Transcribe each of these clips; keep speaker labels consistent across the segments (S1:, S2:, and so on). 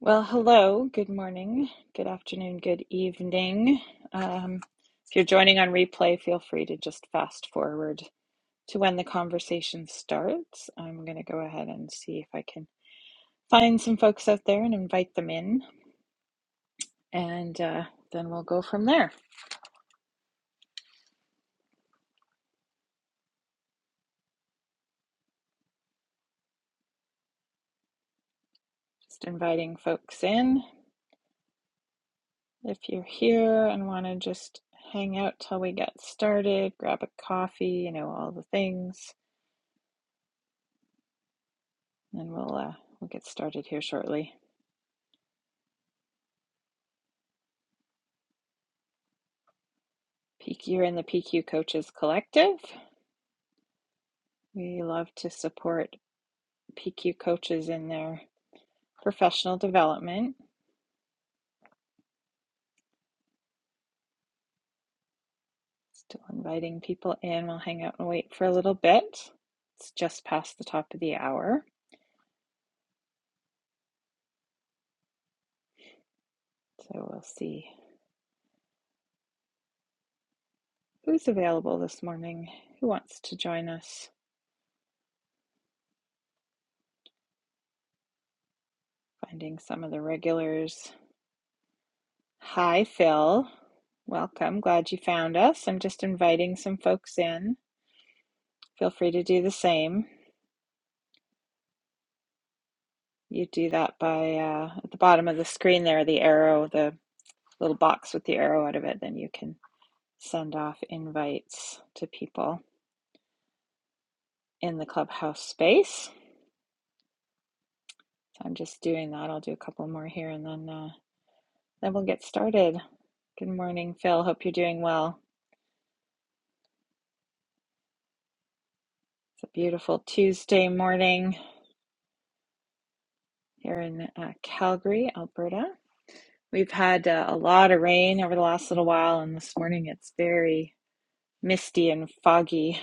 S1: Well, hello, good morning, good afternoon, good evening. Um, if you're joining on replay, feel free to just fast forward to when the conversation starts. I'm going to go ahead and see if I can find some folks out there and invite them in, and uh, then we'll go from there. Just inviting folks in. If you're here and want to just hang out till we get started, grab a coffee, you know, all the things, and we'll uh, we'll get started here shortly. PQ you're in the PQ Coaches Collective. We love to support PQ coaches in their professional development. Still inviting people in. We'll hang out and wait for a little bit. It's just past the top of the hour, so we'll see who's available this morning, who wants to join us, finding some of the regulars Hi, Phil. Welcome. Glad you found us. I'm just inviting some folks in. Feel free to do the same. You do that by uh, at the bottom of the screen there, the arrow, the little box with the arrow out of it. Then you can send off invites to people in the clubhouse space. So I'm just doing that. I'll do a couple more here, and then uh, then we'll get started. Good morning, Phil. Hope you're doing well. It's a beautiful Tuesday morning here in uh, Calgary, Alberta. We've had uh, a lot of rain over the last little while, and this morning it's very misty and foggy,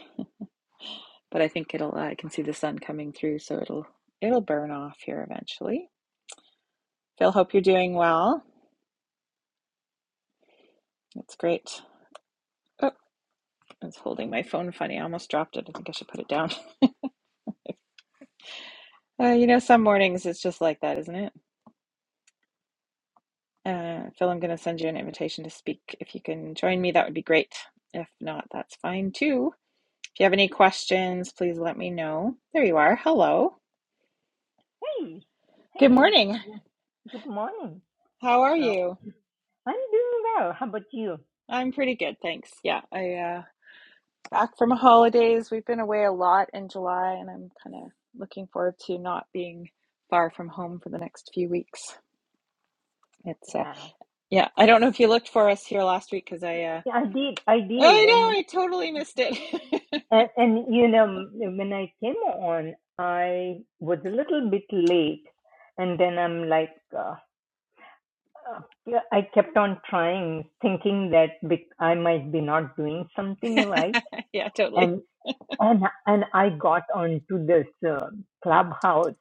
S1: but I think it'll, uh, I can see the sun coming through, so it'll it'll burn off here eventually. Phil, hope you're doing well. It's great. Oh, it's holding my phone funny. I almost dropped it. I think I should put it down. Uh, you know, some mornings it's just like that, isn't it? Uh, Phil, I'm going to send you an invitation to speak. If you can join me, that would be great. If not, that's fine too. If you have any questions, please let me know. There you are. Hello.
S2: Hey, hey,
S1: Good
S2: Angie.
S1: morning.
S2: Good good morning.
S1: How are
S2: Uh,
S1: you?
S2: I'm doing well. How about you?
S1: I'm pretty good, thanks. Yeah, I uh back from holidays. We've been away a lot in July and I'm kind of looking forward to not being far from home for the next few weeks. It's uh
S2: Wow.
S1: yeah, I don't know if you looked for us here last week because I uh
S2: Yeah, I did. I did,
S1: I know
S2: and
S1: I totally missed it.
S2: and, and you know, m- when I came on, I was a little bit late, and then I'm like, uh, uh, yeah, I kept on trying, thinking that bec- I might be not doing something right,
S1: Yeah, totally.
S2: and and and I got onto this uh, clubhouse,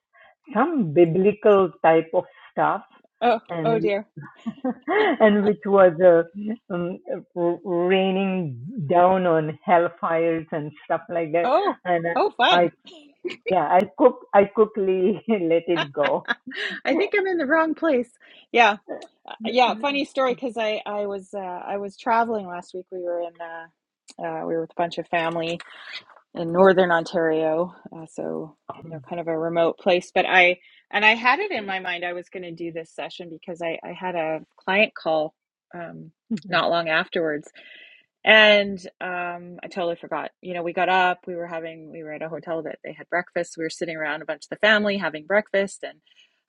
S2: some biblical type of stuff,
S1: Oh, oh
S2: and
S1: dear.
S2: and which was uh, um, r- raining down on hellfires and stuff like that.
S1: Oh,
S2: And
S1: oh fun.
S2: I, yeah, I cook, I quickly let it go.
S1: I think I'm in the wrong place. Yeah. Uh, Yeah, funny story because I I was uh I was traveling last week. We were in uh uh, we were with a bunch of family in northern Ontario, uh, so you know, kind of a remote place. But I and I had it in my mind I was going to do this session because I, I had a client call um, not long afterwards, and um, I totally forgot. You know, we got up, we were having, we were at a hotel that they had breakfast. We were sitting around a bunch of the family having breakfast, and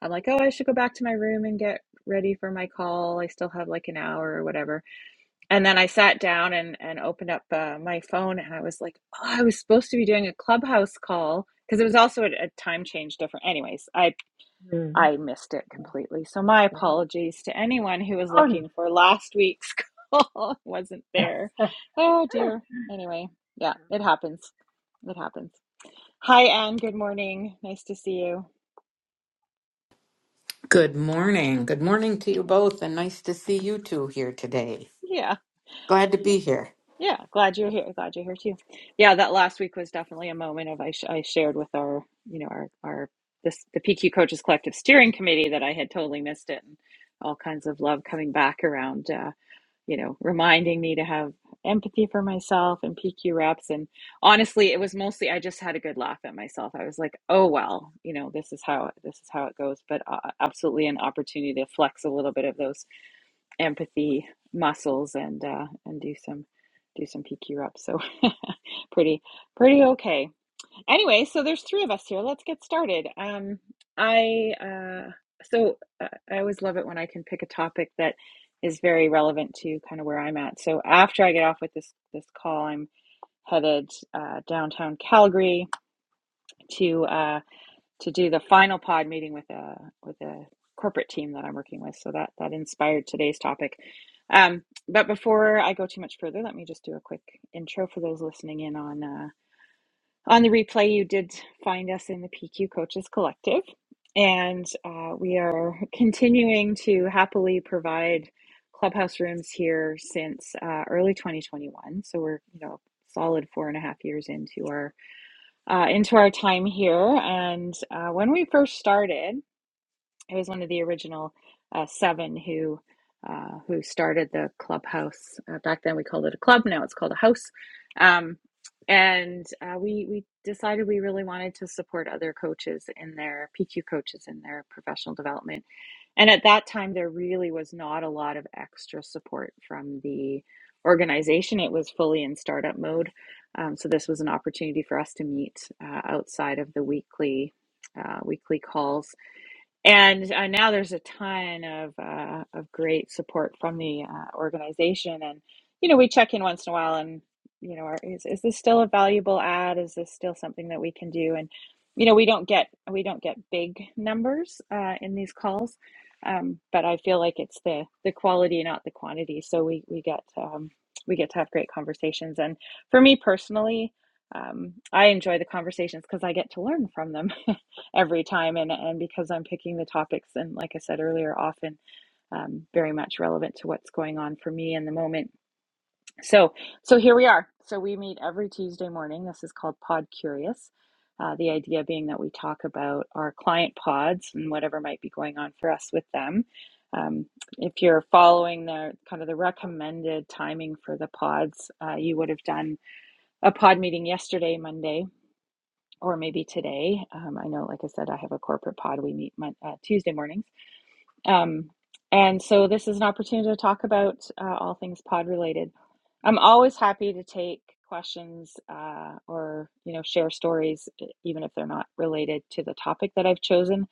S1: I'm like, oh, I should go back to my room and get ready for my call. I still have like an hour or whatever and then I sat down and, and opened up uh, my phone and I was like, oh, I was supposed to be doing a clubhouse call because it was also at a time change different. Anyways, I,
S2: Mm,
S1: I missed it
S2: yeah,
S1: completely. So my
S2: yeah.
S1: apologies to anyone who was
S2: Oh,
S1: looking for last week's call. It wasn't there. Oh dear. Anyway, yeah, it happens. It happens. Hi, Anne. Good morning. Nice to see you.
S3: Good morning. Good morning to you both, and nice to see you two here today.
S1: Yeah.
S3: Glad to be here.
S1: Yeah, glad you're here. Glad you're here too. Yeah, that last week was definitely a moment of I, sh I shared with our, you know, our our this the PQ Coaches Collective Steering Committee that I had totally missed it, and all kinds of love coming back around, uh, you know, reminding me to have empathy for myself and PQ reps. And honestly, it was mostly I just had a good laugh at myself. I was like, oh well, you know, this is how this is how it goes. But uh, absolutely an opportunity to flex a little bit of those empathy muscles and uh, and do some do some PQ reps. So pretty pretty okay. Anyway, so there's three of us here. Let's get started. Um, I uh, so uh, I always love it when I can pick a topic that is very relevant to kind of where I'm at. So after I get off with this this call, I'm headed uh, downtown Calgary to. uh to do the final pod meeting with a with a corporate team that I'm working with. So that that inspired today's topic. Um, but before I go too much further, let me just do a quick intro for those listening in on uh, on the replay. You did find us in the PQ Coaches Collective, and uh, we are continuing to happily provide clubhouse rooms here since uh, early 2021. So we're you know solid four and a half years into our uh, into our time here. And uh, when we first started, I was one of the original uh, seven who uh, who started the clubhouse. Uh, back then, we called it a club. Now it's called a house. Um, and uh, we we decided we really wanted to support other coaches in their PQ coaches in their professional development and at that time, there really was not a lot of extra support from the organization. It was fully in startup mode. Um, so this was an opportunity for us to meet uh, outside of the weekly uh, weekly calls and uh, now there's a ton of uh, of great support from the uh, organization and you know we check in once in a while and you know are, is, is this still a valuable ad is this still something that we can do and you know we don't get we don't get big numbers uh, in these calls um, but I feel like it's the the quality not the quantity so we we get um, we get to have great conversations and for me personally um, I enjoy the conversations because I get to learn from them every time and, and because i'm picking the topics and like i said earlier often um, very much relevant to what's going on for me in the moment so so here we are so we meet every tuesday morning this is called pod curious uh, the idea being that we talk about our client pods and whatever might be going on for us with them um, if you're following the kind of the recommended timing for the pods uh, you would have done a pod meeting yesterday monday or maybe today. Um, I know, like I said, I have a corporate pod. We meet mon- uh, Tuesday mornings. Um, and so this is an opportunity to talk about uh, all things pod related. I'm always happy to take questions uh, or you know share stories e- even if they're not related to the topic that I've chosen.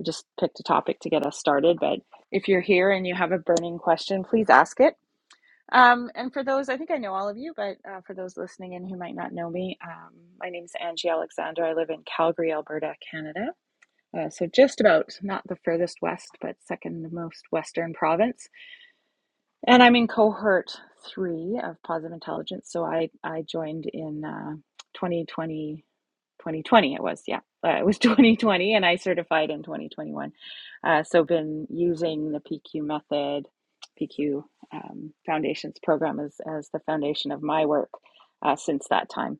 S1: I just picked a topic to get us started, but if you're here and you have a burning question, please ask it um, and for those, I think I know all of you, but uh, for those listening in who might not know me, um, my name is Angie Alexander. I live in Calgary, Alberta, Canada. Uh, so just about not the furthest west, but second most western province. And I'm in cohort three of Positive Intelligence. So I, I joined in uh, 2020. 2020 it was yeah uh, it was 2020 and i certified in 2021 uh, so been using the pq method pq um, foundations program as, as the foundation of my work uh, since that time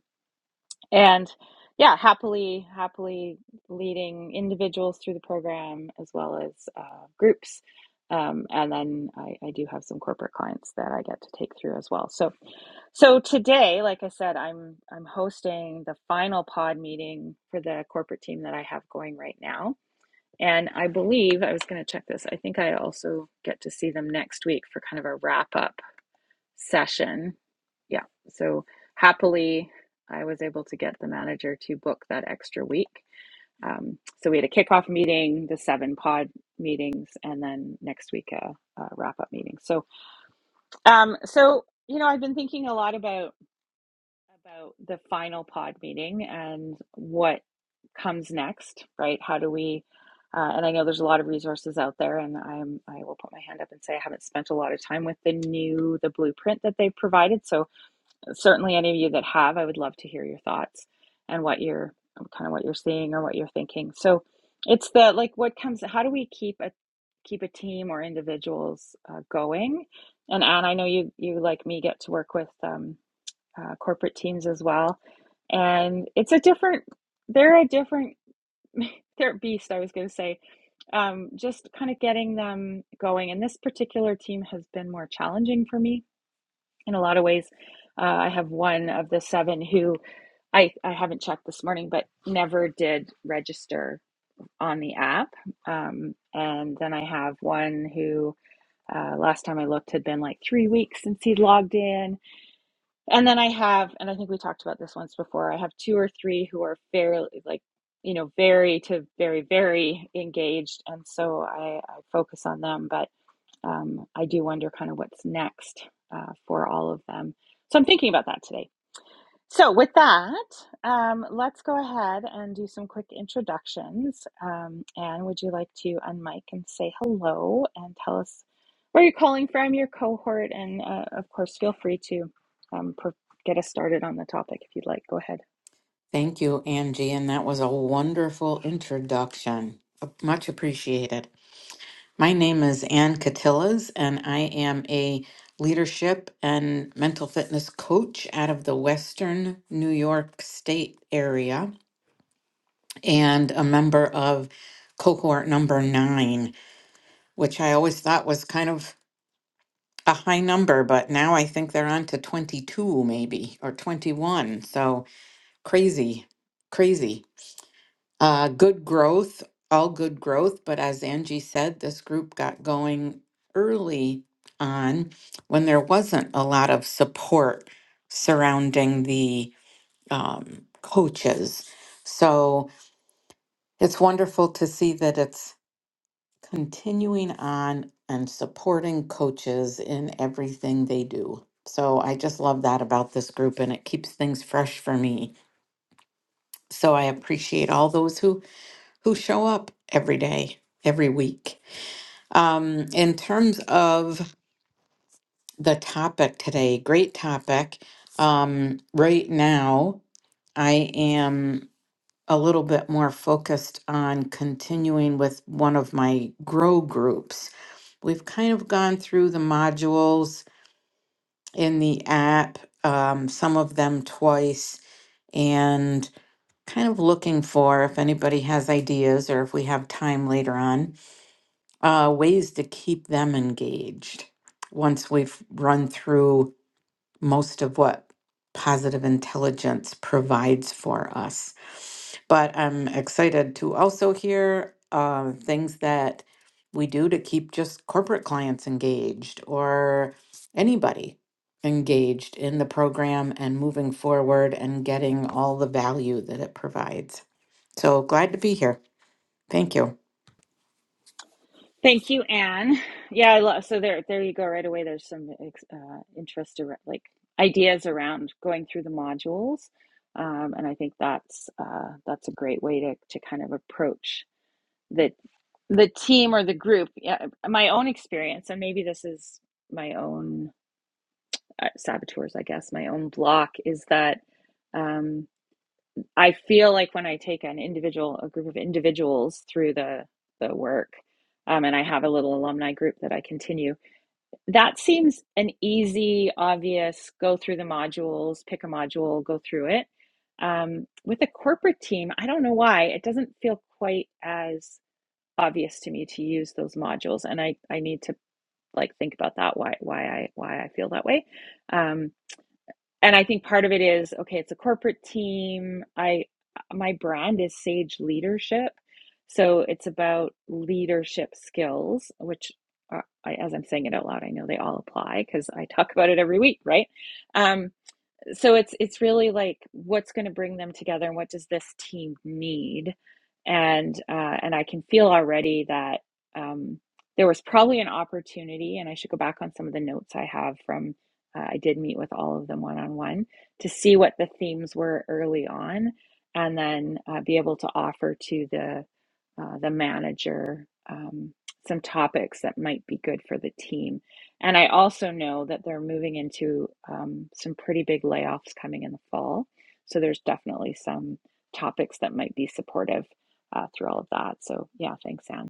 S1: and yeah happily happily leading individuals through the program as well as uh, groups um, and then I, I do have some corporate clients that i get to take through as well so so today, like I said, I'm I'm hosting the final pod meeting for the corporate team that I have going right now. And I believe I was going to check this. I think I also get to see them next week for kind of a wrap up session. Yeah. So happily, I was able to get the manager to book that extra week. Um, so we had a kickoff meeting, the seven pod meetings, and then next week a, a wrap up meeting. So, um, so you know, I've been thinking a lot about about the final pod meeting and what comes next, right? How do we? Uh, and I know there's a lot of resources out there, and I'm I will put my hand up and say I haven't spent a lot of time with the new the blueprint that they've provided. So certainly, any of you that have, I would love to hear your thoughts and what you're kind of what you're seeing or what you're thinking. So it's the like what comes. How do we keep a keep a team or individuals uh, going? And Anne, I know you you like me get to work with um, uh, corporate teams as well. And it's a different, they're a different, they're a beast, I was going to say. Um, just kind of getting them going. And this particular team has been more challenging for me in a lot of ways. Uh, I have one of the seven who I, I haven't checked this morning, but never did register on the app. Um, and then I have one who uh, last time I looked had been like three weeks since he logged in and then I have, and I think we talked about this once before, I have two or three who are fairly, like, you know, very to very, very engaged. And so I, I focus on them, but um, I do wonder kind of what's next uh, for all of them. So I'm thinking about that today. So, with that, um, let's go ahead and do some quick introductions. Um, Anne, would you like to unmic and say hello and tell us where you're calling from, your cohort, and uh, of course, feel free to um, pro- get us started on the topic if you'd like. Go ahead.
S3: Thank you, Angie, and that was a wonderful introduction. Uh, Much appreciated. My name is Ann Catillas, and I am a leadership and mental fitness coach out of the Western New York State area and a member of cohort number nine, which I always thought was kind of a high number, but now I think they're on to 22 maybe or 21. So crazy, crazy. Uh, good growth, all good growth. But as Angie said, this group got going early on when there wasn't a lot of support surrounding the um, coaches. So it's wonderful to see that it's continuing on and supporting coaches in everything they do. So I just love that about this group and it keeps things fresh for me. So I appreciate all those who who show up every day, every week. Um, in terms of the topic today, great topic. Um, right now, I am a little bit more focused on continuing with one of my grow groups We've kind of gone through the modules in the app, um, some of them twice, and kind of looking for if anybody has ideas or if we have time later on, uh, ways to keep them engaged once we've run through most of what positive intelligence provides for us. But I'm excited to also hear uh, things that we do to keep just corporate clients engaged or anybody engaged in the program and moving forward and getting all the value that it provides. So glad to be here. Thank you.
S1: Thank you, Anne. Yeah, I love. So there, there you go. Right away, there's some ex- uh, interest around, like ideas around going through the modules, um, and I think that's uh, that's a great way to to kind of approach the the team or the group. Yeah, my own experience, and maybe this is my own uh, saboteurs, I guess. My own block is that um, I feel like when I take an individual, a group of individuals through the the work, um, and I have a little alumni group that I continue that seems an easy, obvious go through the modules, pick a module, go through it. Um, with a corporate team, I don't know why it doesn't feel quite as obvious to me to use those modules, and I I need to like think about that why why I why I feel that way. Um, and I think part of it is okay, it's a corporate team. I my brand is Sage Leadership. So it's about leadership skills, which are, I, as I'm saying it out loud, I know they all apply because I talk about it every week, right? Um, so it's it's really like what's going to bring them together and what does this team need and uh, and i can feel already that um, there was probably an opportunity and i should go back on some of the notes i have from uh, i did meet with all of them one-on-one to see what the themes were early on and then uh, be able to offer to the uh, the manager um, some topics that might be good for the team and I also know that they're moving into um, some pretty big layoffs coming in the fall. So there's definitely some topics that might be supportive uh, through all of that. So yeah, thanks, Anne.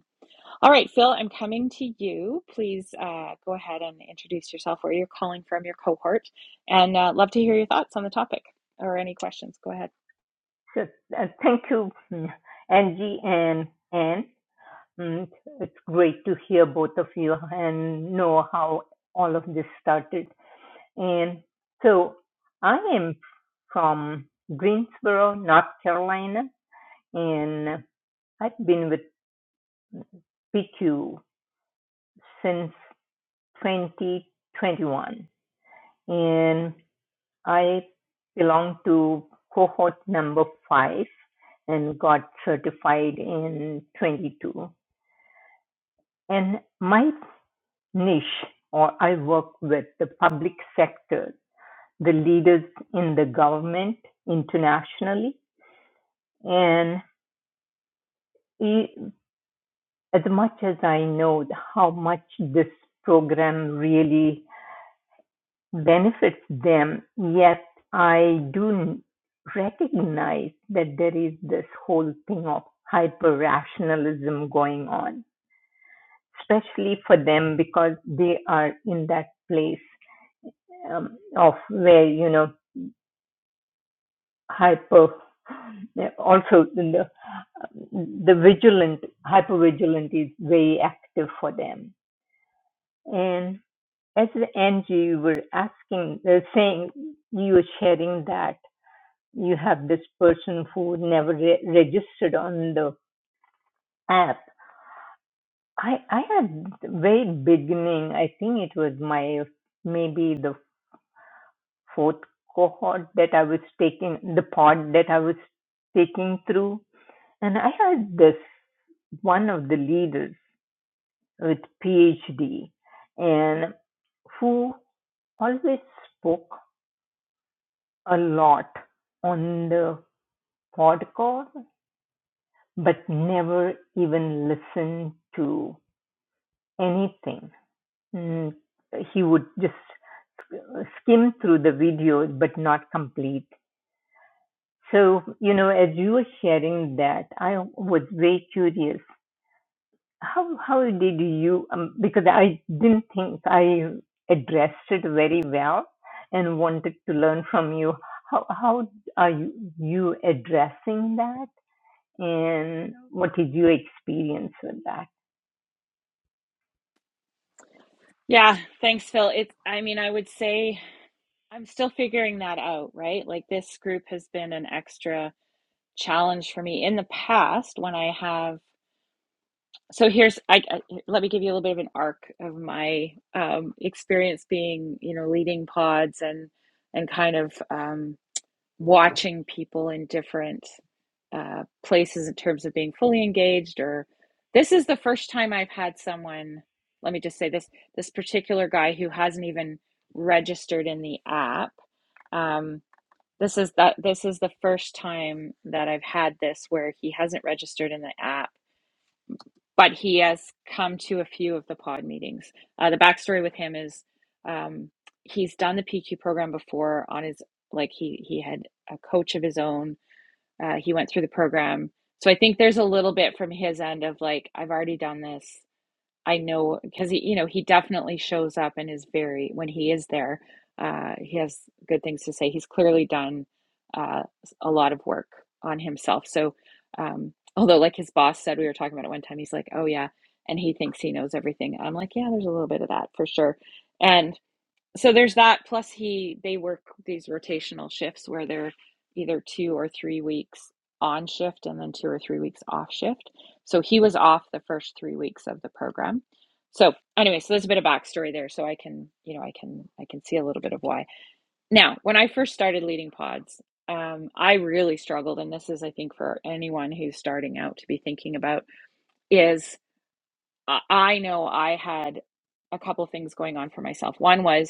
S1: All right, Phil, I'm coming to you. Please uh, go ahead and introduce yourself, where you're calling from, your cohort, and uh, love to hear your thoughts on the topic or any questions. Go ahead.
S2: so, uh, thank you, mm, Angie and Anne. Mm, It's great to hear both of you and know how all of this started. And so I am from Greensboro, North Carolina, and I've been with PQ since 2021. And I belong to cohort number five and got certified in 22. And my niche, or I work with the public sector, the leaders in the government internationally, and. e- as much as I know how much this program really benefits them, yet I do recognize that there is this whole thing of hyper rationalism going on, especially for them because they are in that place um, of where, you know, hyper also the, the vigilant hyper vigilant is very active for them and At the end, you were asking, uh, saying you were sharing that you have this person who never re- registered on the app. I, I had very beginning, I think it was my maybe the fourth cohort that I was taking, the pod that I was taking through. And I had this one of the leaders with PhD and who always spoke a lot on the hardcore, but never even listened to anything. Mm, he would just uh, skim through the videos but not complete. So, you know, as you were sharing that, I was very curious. How how did you um, because I didn't think I addressed it very well and wanted to learn from you how how are you, you addressing that and what is your experience with that?
S1: Yeah, thanks, Phil. It's, I mean, I would say I'm still figuring that out, right? Like this group has been an extra. challenge for me in the past when I have. So here's, I, I let me give you a little bit of an arc of my um, experience being, you know, leading pods and and kind of um, watching people in different uh, places in terms of being fully engaged. Or this is the first time I've had someone. Let me just say this: this particular guy who hasn't even registered in the app. Um, this is that this is the first time that I've had this where he hasn't registered in the app, but he has come to a few of the pod meetings. Uh, the backstory with him is um, he's done the PQ program before on his like he he had a coach of his own. Uh, he went through the program, so I think there's a little bit from his end of like I've already done this. I know because he, you know, he definitely shows up and is very, when he is there, uh, he has good things to say. He's clearly done uh, a lot of work on himself. So, um, although, like his boss said, we were talking about it one time, he's like, oh, yeah. And he thinks he knows everything. I'm like, yeah, there's a little bit of that for sure. and so there's that plus he they work these rotational shifts where they're either two or three weeks on shift and then two or three weeks off shift so he was off the first three weeks of the program so anyway so there's a bit of backstory there so i can you know i can i can see a little bit of why now when i first started leading pods um, i really struggled and this is i think for anyone who's starting out to be thinking about is i I know i had a couple things going on for myself one was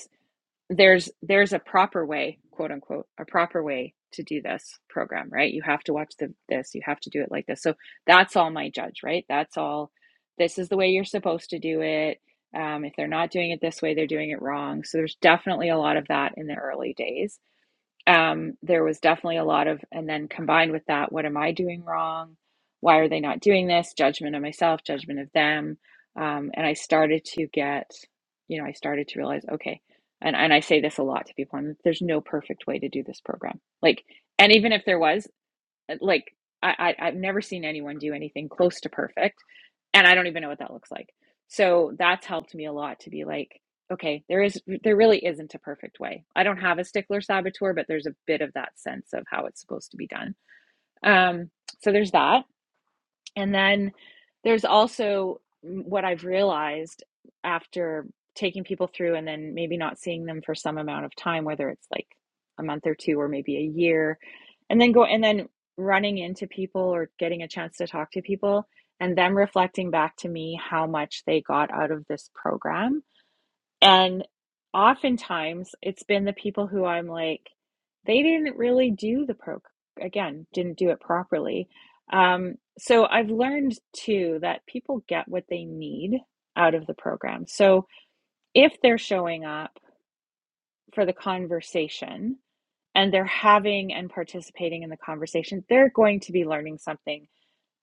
S1: there's there's a proper way quote unquote a proper way to do this program right you have to watch the, this you have to do it like this so that's all my judge right that's all this is the way you're supposed to do it um, if they're not doing it this way they're doing it wrong so there's definitely a lot of that in the early days um, there was definitely a lot of, and then combined with that, what am I doing wrong? Why are they not doing this? Judgment of myself, judgment of them. Um, and I started to get, you know, I started to realize, okay, and, and I say this a lot to people, and there's no perfect way to do this program. Like, and even if there was, like I, I I've never seen anyone do anything close to perfect, and I don't even know what that looks like. So that's helped me a lot to be like, okay, there is there really isn't a perfect way. I don't have a stickler saboteur, but there's a bit of that sense of how it's supposed to be done. Um, so there's that. And then there's also what I've realized after taking people through and then maybe not seeing them for some amount of time, whether it's like a month or two or maybe a year, and then go and then running into people or getting a chance to talk to people and them reflecting back to me how much they got out of this program and oftentimes it's been the people who I'm like, they didn't really do the pro, again, didn't do it properly. Um, so I've learned too that people get what they need out of the program. So if they're showing up for the conversation and they're having and participating in the conversation, they're going to be learning something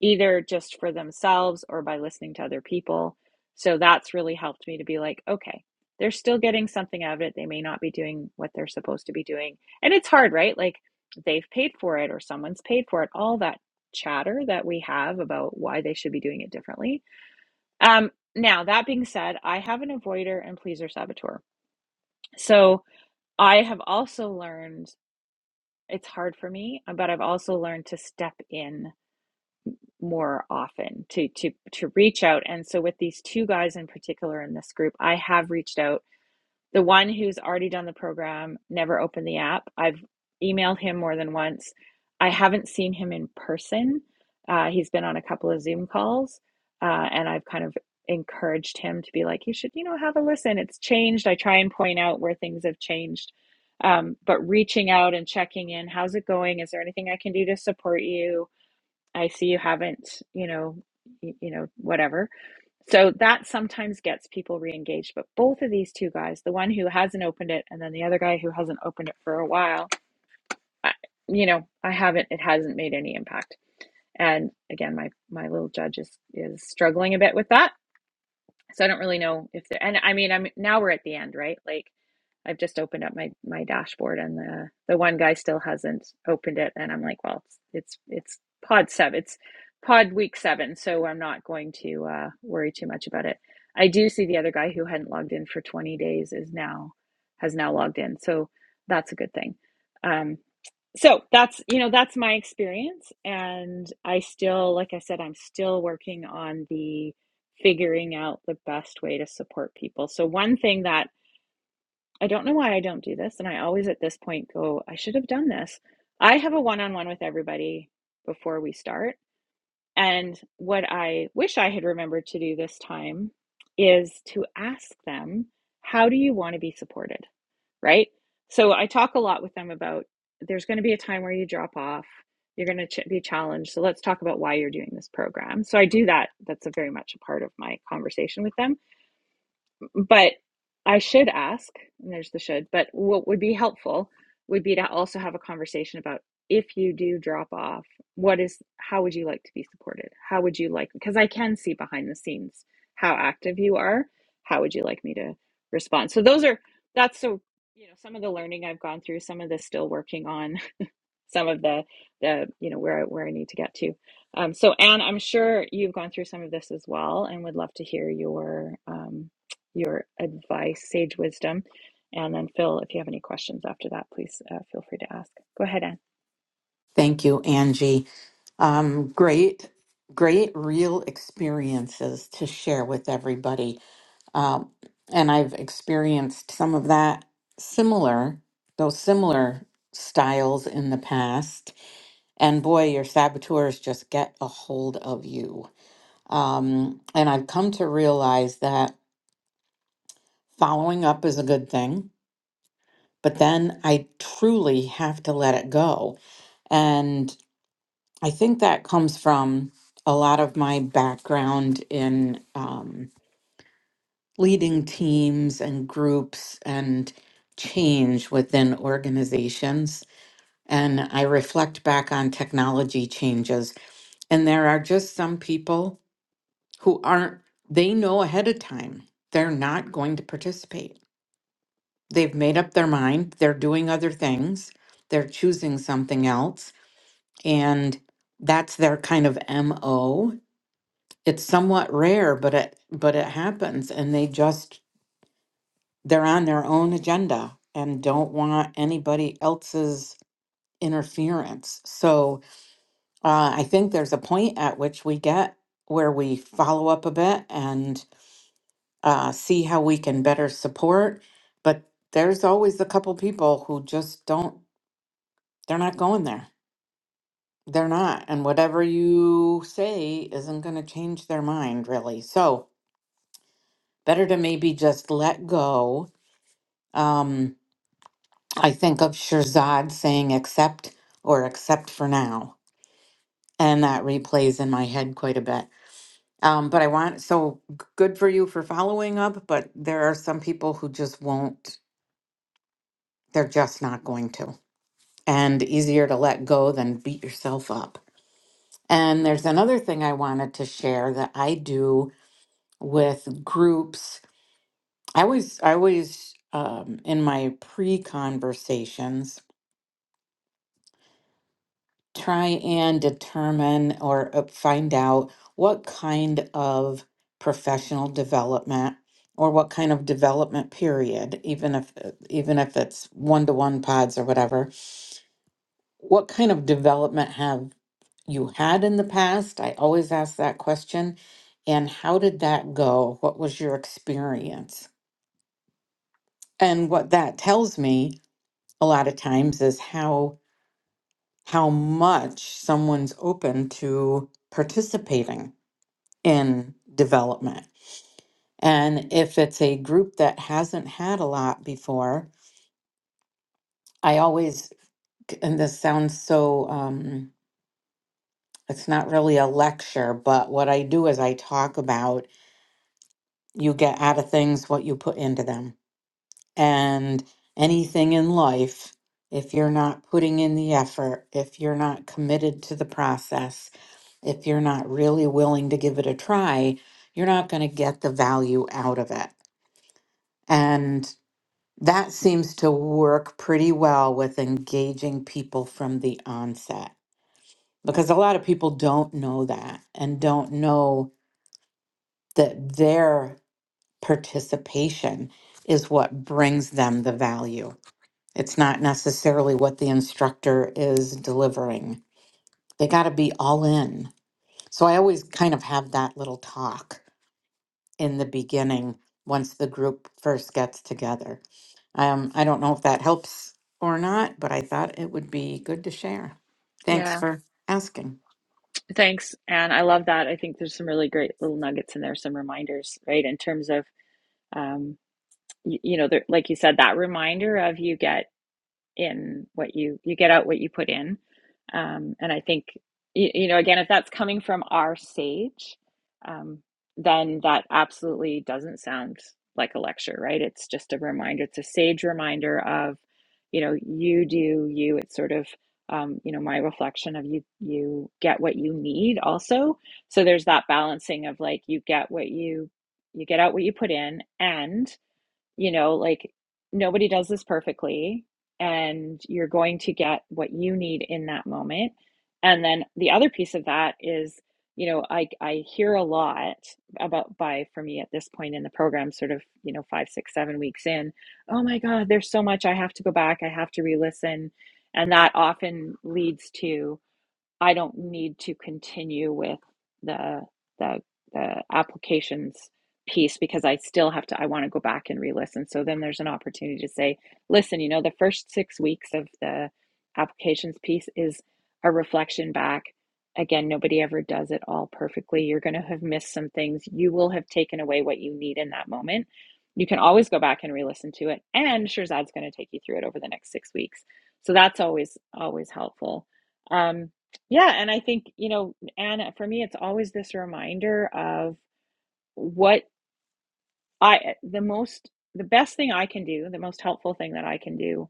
S1: either just for themselves or by listening to other people. So that's really helped me to be like, okay, they're still getting something out of it. They may not be doing what they're supposed to be doing. And it's hard, right? Like they've paid for it or someone's paid for it, all that chatter that we have about why they should be doing it differently. Um, now, that being said, I have an avoider and pleaser saboteur. So I have also learned it's hard for me, but I've also learned to step in more often to to to reach out and so with these two guys in particular in this group i have reached out the one who's already done the program never opened the app i've emailed him more than once i haven't seen him in person uh, he's been on a couple of zoom calls uh, and i've kind of encouraged him to be like you should you know have a listen it's changed i try and point out where things have changed um, but reaching out and checking in how's it going is there anything i can do to support you I see you haven't, you know, y- you know, whatever. So that sometimes gets people re-engaged. But both of these two guys, the one who hasn't opened it and then the other guy who hasn't opened it for a while, I, you know, I haven't, it hasn't made any impact. And again, my my little judge is is struggling a bit with that. So I don't really know if they're, and I mean, I'm now we're at the end, right? Like I've just opened up my my dashboard and the the one guy still hasn't opened it and I'm like, well, it's it's, it's pod 7. It's pod week 7, so I'm not going to uh worry too much about it. I do see the other guy who hadn't logged in for 20 days is now has now logged in. So that's a good thing. Um so that's you know that's my experience and I still like I said I'm still working on the figuring out the best way to support people. So one thing that I don't know why I don't do this. And I always at this point go, I should have done this. I have a one on one with everybody before we start. And what I wish I had remembered to do this time is to ask them, how do you want to be supported? Right. So I talk a lot with them about there's going to be a time where you drop off, you're going to ch- be challenged. So let's talk about why you're doing this program. So I do that. That's a very much a part of my conversation with them but I should ask, and there's the should, but what would be helpful would be to also have a conversation about if you do drop off, what is, how would you like to be supported? How would you like, because I can see behind the scenes how active you are. How would you like me to respond? So those are, that's so, you know, some of the learning I've gone through, some of the still working on some of the the you know where I, where I need to get to. Um, so Anne, I'm sure you've gone through some of this as well, and would love to hear your um, your advice, sage wisdom. And then Phil, if you have any questions after that, please uh, feel free to ask. Go ahead, Anne.
S3: Thank you, Angie. Um, great, great real experiences to share with everybody Um, and I've experienced some of that similar, those similar styles in the past. And boy, your saboteurs just get a hold of you. Um, and I've come to realize that following up is a good thing, but then I truly have to let it go. And I think that comes from a lot of my background in. Um, leading teams and groups and change within organizations. And I reflect back on technology changes, and there are just some people who aren't, they know ahead of time they're not going to participate. They've made up their mind, they're doing other things, they're choosing something else, and that's their kind of MO. It's somewhat rare, but it but it happens and they just they're on their own agenda and don't want anybody else's interference. So uh, I think there's a point at which we get where we follow up a bit and uh, see how we can better support. But there's always a couple people who just don't, they're not going there. They're not. And whatever you say isn't going to change their mind, really. So better to maybe just let go. Um, I think of Shirzad saying accept or accept for now. And that replays in my head quite a bit. Um, but I want, so g- good for you for following up, but there are some people who just won't, they're just not going to. And easier to let go than beat yourself up. And there's another thing I wanted to share that I do with groups. I always, I always, um, in my pre conversations, try and determine or uh, find out what kind of professional development or what kind of development period even if uh, even if it's one-to-one pods or whatever what kind of development have you had in the past i always ask that question and how did that go what was your experience and what that tells me a lot of times is how how much someone's open to participating in development. And if it's a group that hasn't had a lot before, I always, and this sounds so, um, it's not really a lecture, but what I do is I talk about you get out of things what you put into them. And anything in life, if you're not putting in the effort, if you're not committed to the process, if you're not really willing to give it a try, you're not going to get the value out of it. And That seems to work pretty well with engaging people from the onset because a lot of people don't know that and don't know that their participation is what brings them the value. It's not necessarily what the instructor is delivering. They got to be all in. So I always kind of have that little talk in the beginning once the group first gets together. Um, I don't know if that helps or not, but I thought it would be good to share. Thanks
S1: Yeah,
S3: for asking.
S1: thanks, Anne. I love that. I think there's some really great little nuggets in there, some reminders, right? In terms of um, you, you know, there, like you said, that reminder of you get in what you you get out what you put in um, and i think you, you know again if that's coming from our sage um, then that absolutely doesn't sound like a lecture right it's just a reminder it's a sage reminder of you know you do you it's sort of um, you know my reflection of you you get what you need also so there's that balancing of like you get what you you get out what you put in and you know, like nobody does this perfectly, and you're going to get what you need in that moment. And then the other piece of that is, you know, I I hear a lot about by for me at this point in the program, sort of, you know, five, six, seven weeks in, oh my God, there's so much I have to go back, I have to re-listen. And that often leads to I don't need to continue with the the the applications piece because I still have to I want to go back and re-listen. So then there's an opportunity to say, listen, you know, the first six weeks of the applications piece is a reflection back. Again, nobody ever does it all perfectly. You're going to have missed some things. You will have taken away what you need in that moment. You can always go back and re-listen to it, and Shirzad's going to take you through it over the next six weeks. So that's always always helpful. Um, yeah, and I think, you know, Anna, for me, it's always this reminder of what I, the most, the best thing I can do, the most helpful thing that I can do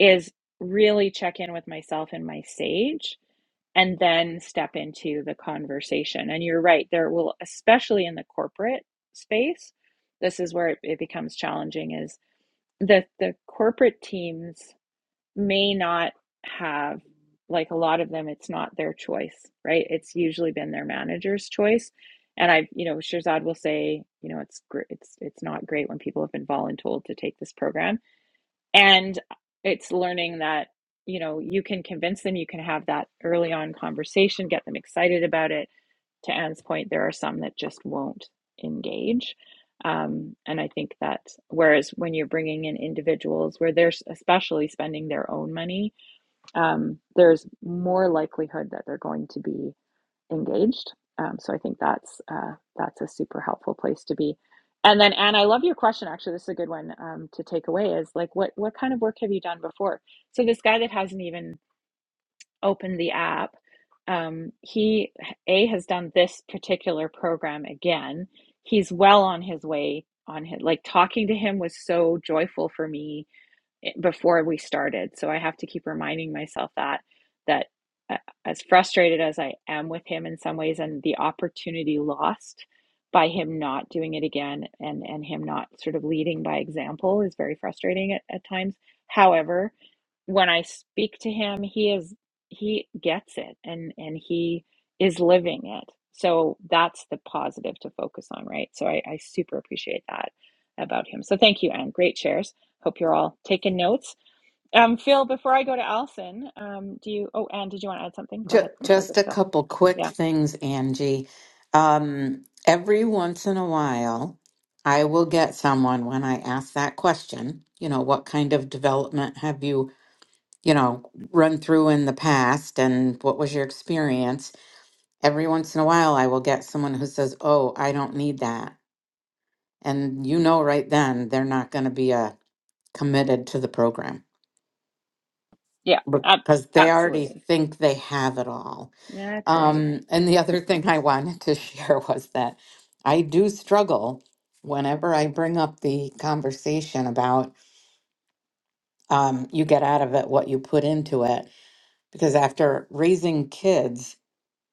S1: is really check in with myself and my sage and then step into the conversation. And you're right, there will, especially in the corporate space, this is where it, it becomes challenging is the the corporate teams may not have like a lot of them it's not their choice right it's usually been their manager's choice and i've you know shirzad will say you know it's it's it's not great when people have been voluntold to take this program and it's learning that you know you can convince them you can have that early on conversation get them excited about it to anne's point there are some that just won't engage um, and i think that whereas when you're bringing in individuals where they're s- especially spending their own money um, there's more likelihood that they're going to be engaged. Um, so I think that's uh, that's a super helpful place to be. And then, Anne, I love your question. Actually, this is a good one um, to take away. Is like, what what kind of work have you done before? So this guy that hasn't even opened the app, um, he a has done this particular program again. He's well on his way. On his like talking to him was so joyful for me eh, before we started. So I have to keep reminding myself that that uh, as frustrated as I am with him in some ways and the opportunity lost by him not doing it again and and him not sort of leading by example is very frustrating at, at times. However, when I speak to him, he is he gets it and and he is living it. So that's the positive to focus on, right? So I, I super appreciate that about him. So thank you, Anne. Great shares. Hope you're all taking notes. Um, Phil, before I go to Allison, um, do you? Oh, Anne, did you want to add something? Go
S3: Ju-
S1: ahead before I go
S3: just
S1: to
S3: a
S1: Phil.
S3: couple quick
S1: Yeah,
S3: things, Angie. Um, every once in a while, I will get someone when I ask that question, you know, what kind of development have you, you know, run through in the past and what was your experience? Every once in a while, I will get someone who says, Oh, I don't need that And you know right then they're not going to be uh, committed to the program
S1: yeah, ab-
S3: because they already
S1: absolutely.
S3: think they have it all.
S1: That's right.
S3: Um, and the other thing I wanted to share was that I do struggle whenever I bring up the conversation about um, you get out of it what you put into it. Because after raising kids,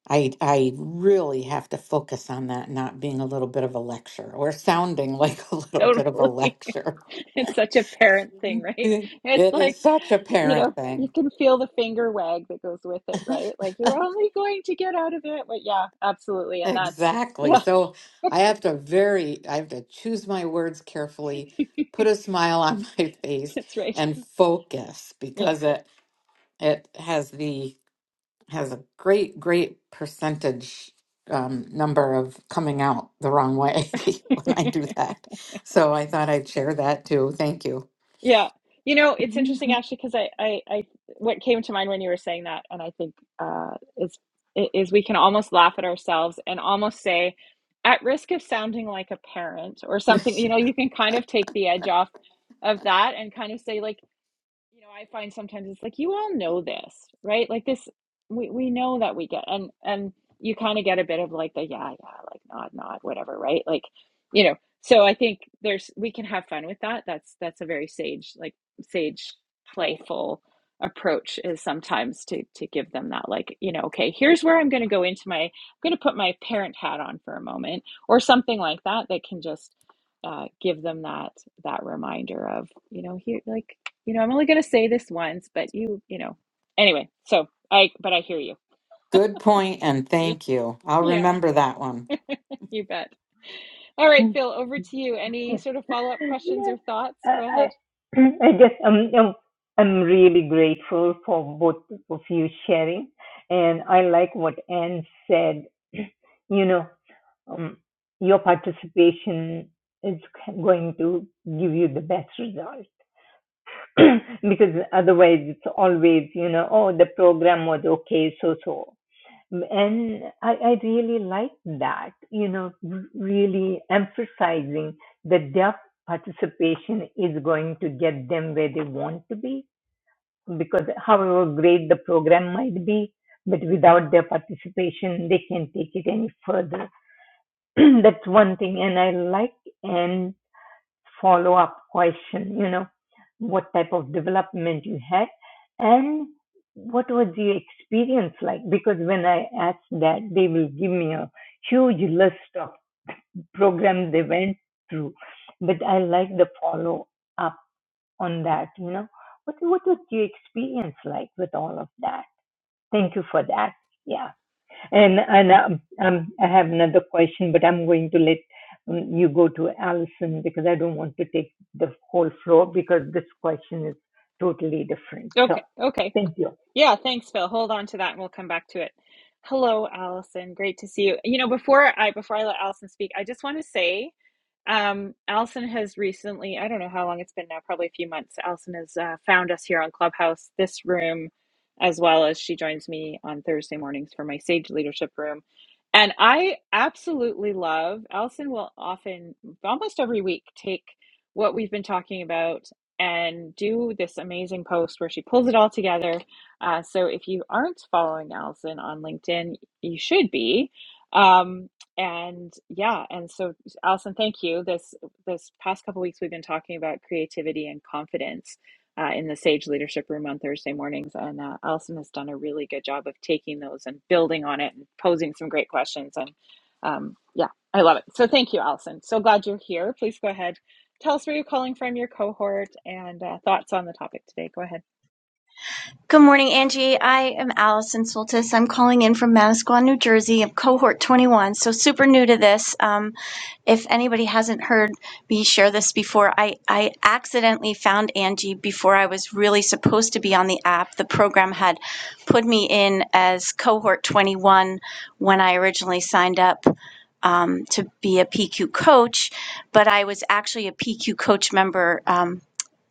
S3: I, I really have to focus on that not being a little bit of a lecture or sounding like a little bit of a
S1: Totally.
S3: lecture.
S1: it's such a parent thing, right?
S3: It
S1: It's
S3: it is
S1: like,
S3: such a
S1: you
S3: parent
S1: know, you
S3: thing.
S1: can feel the finger wag that goes with it, right? Like you're only going to get out of it. But yeah, absolutely. And that's,
S3: Exactly.
S1: yeah,
S3: So I have to very, I have to choose my words carefully, put a smile on my face,
S1: that's right.
S3: and focus
S1: Yeah.
S3: because it it has the has a great, great percentage um, number of coming out the wrong way when I do that. So I thought I'd share that too. Thank you.
S1: Yeah. You know, it's interesting actually because I, I, I, what came to mind when you were saying that, and I think uh, is is we can almost laugh at ourselves and almost say, at risk of sounding like a parent or something. You know, you can kind of take the edge off of that and kind of say like you know i find sometimes it's like you all know this right like this we we know that we get and and you kind of get a bit of like the yeah yeah like nod nod whatever right like you know so i think there's we can have fun with that that's that's a very sage like sage playful approach is sometimes to to give them that like you know okay here's where i'm going to go into my i'm going to put my parent hat on for a moment or something like that that can just uh, give them that that reminder of you know here like you know, I'm only going to say this once, but you, you know. Anyway, so I, but I hear you.
S3: Good point, and thank you. I'll
S1: Yeah,
S3: remember that one.
S1: you bet. All right,
S2: Mm.
S1: Phil, over to you. Any sort of follow-up questions
S2: Yeah,
S1: or thoughts?
S2: I
S1: Go ahead.
S2: I I guess I'm I'm I'm really grateful for both of you sharing, and I like what Anne said. You know, um, your participation is going to give you the best result because otherwise it's always you know oh the program was okay so so and I, I really like that, you know, r- really emphasizing that their participation is going to get them where they want to be. Because however great the program might be, but without their participation, they can not take it any further. That's one thing. And I like and follow-up question, you know, what type of development you had and what was your experience like? Because when I ask that, they will give me a huge list of programs they went through. But I like the follow up on that, you know. What, what was your experience like with all of that? Thank you for that. Yeah. And and um, um, I have another question, but I'm going to let um, you go to Allison because I don't want to take the whole floor because this question is totally different. So
S1: Okay, okay.
S2: thank you.
S1: Yeah, thanks, Phil. Hold on to that and we'll come back to it. Hello, Allison. Great to see you. You know, before I before I let Allison speak, I just want to say Um, Allison has recently, I don't know how long it's been now, probably a few months. Allison has uh, found us here on Clubhouse, this room, as well as she joins me on Thursday mornings for my Sage Leadership Room. And I absolutely love, Allison will often, almost every week, take what we've been talking about and do this amazing post where she pulls it all together. Uh, so if you aren't following Allison on LinkedIn, you should be. Um, and yeah, and so Allison, thank you. This this past couple weeks, we've been talking about creativity and confidence uh, in the Sage Leadership Room on Thursday mornings, and uh, Allison has done a really good job of taking those and building on it and posing some great questions. And um, yeah, I love it. So thank you, Allison. So glad you're here. Please go ahead, tell us where you're calling from, your cohort, and uh, thoughts on the topic today. Go ahead.
S4: Good morning, Angie. I am Allison Soltis. I'm calling in from Manasquan, New Jersey. I'm cohort 21, so super new to this. Um, if anybody hasn't heard me share this before, I, I accidentally found Angie before I was really supposed to be on the app. The program had put me in as cohort 21 when I originally signed up um, to be a PQ coach, but I was actually a PQ coach member um,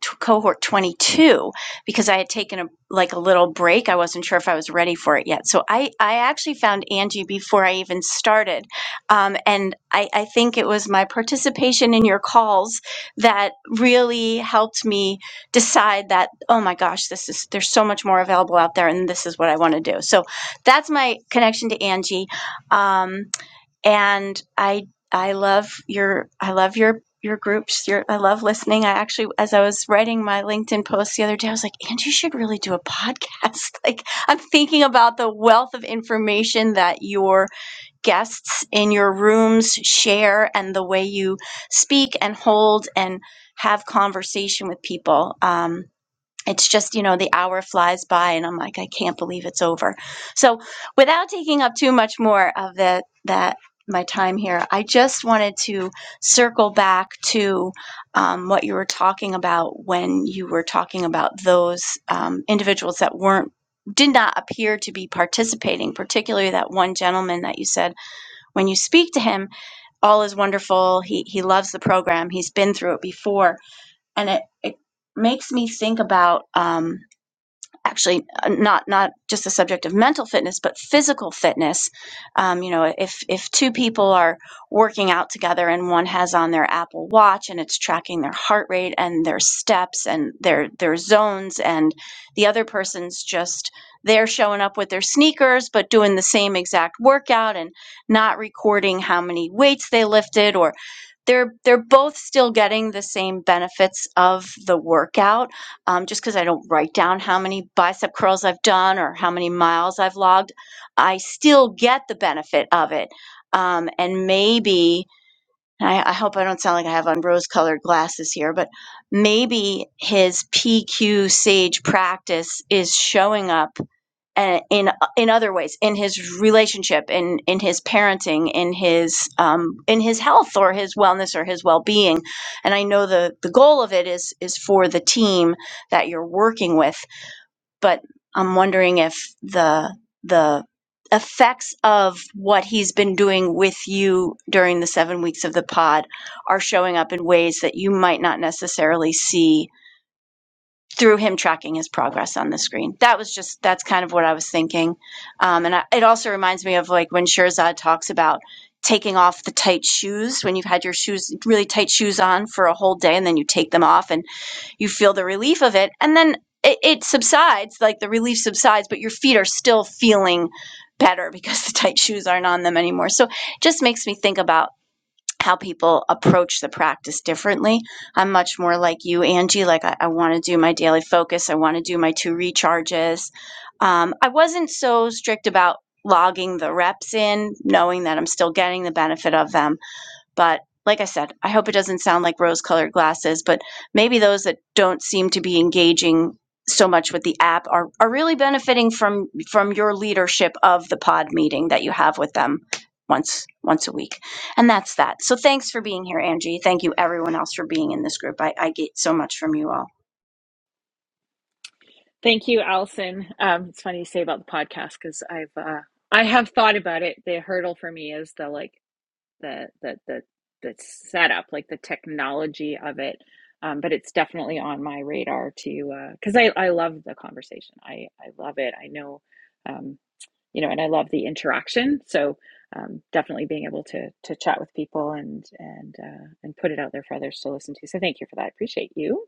S4: t- cohort 22 because I had taken a like a little break. I wasn't sure if I was ready for it yet. So I I actually found Angie before I even started, um, and I I think it was my participation in your calls that really helped me decide that oh my gosh this is there's so much more available out there and this is what I want to do. So that's my connection to Angie. Um, and I I love your I love your your groups. Your I love listening. I actually, as I was writing my LinkedIn post the other day, I was like, Angie you should really do a podcast. like I'm thinking about the wealth of information that your guests in your rooms share, and the way you speak and hold and have conversation with people. Um, it's just you know the hour flies by and i'm like i can't believe it's over so without taking up too much more of the that my time here i just wanted to circle back to um, what you were talking about when you were talking about those um, individuals that weren't did not appear to be participating particularly that one gentleman that you said when you speak to him all is wonderful he he loves the program he's been through it before and it it makes me think about um, actually uh, not not just the subject of mental fitness but physical fitness um, you know if if two people are working out together and one has on their apple watch and it's tracking their heart rate and their steps and their their zones and the other person's just they're showing up with their sneakers but doing the same exact workout and not recording how many weights they lifted or they're they're both still getting the same benefits of the workout um, just because I don't write down how many bicep curls I've done or how many miles I've logged, I still get the benefit of it. Um, and maybe, and I, I hope I don't sound like I have on rose colored glasses here, but maybe his PQ Sage practice is showing up uh, in in other ways in his relationship in in his parenting in his um, in his health or his wellness or his well-being and I know the the goal of it is is for the team that you're working with but I'm wondering if the the effects of what he's been doing with you during the 7 weeks of the pod are showing up in ways that you might not necessarily see through him tracking his progress on the screen. That was just that's kind of what I was thinking, um, and I, it also reminds me of like when Shirzad talks about taking off the tight shoes when you've had your shoes really tight shoes on for a whole day, and then you take them off and you feel the relief of it, and then it, it subsides, like the relief subsides, but your feet are still feeling better because the tight shoes aren't on them anymore. So it just makes me think about how people approach the practice differently. I'm much more like you, Angie. Like, I, I want to do my daily focus, I want to do my two recharges. Um, I wasn't so strict about logging the reps in, knowing that I'm still getting the benefit of them. But like I said, I hope it doesn't sound like rose colored glasses, but maybe those that don't seem to be engaging so much with the app are, are really benefiting from from your leadership of the pod meeting that you have with them once once a week. And that's that. So thanks for being here, Angie. Thank you everyone else for being in this group. I, I get so much from you all.
S1: Thank you, Allison. Um, it's funny you say about the podcast because I've uh, I have thought about it. The hurdle for me is the like the the the the setup, like the technology of it. Um, but it's definitely on my radar to because I I love the conversation. I I love it. I know, um, you know, and I love the interaction. So um, definitely being able to to chat with people and and uh, and put it out there for others to listen to. So thank you for that. I appreciate you.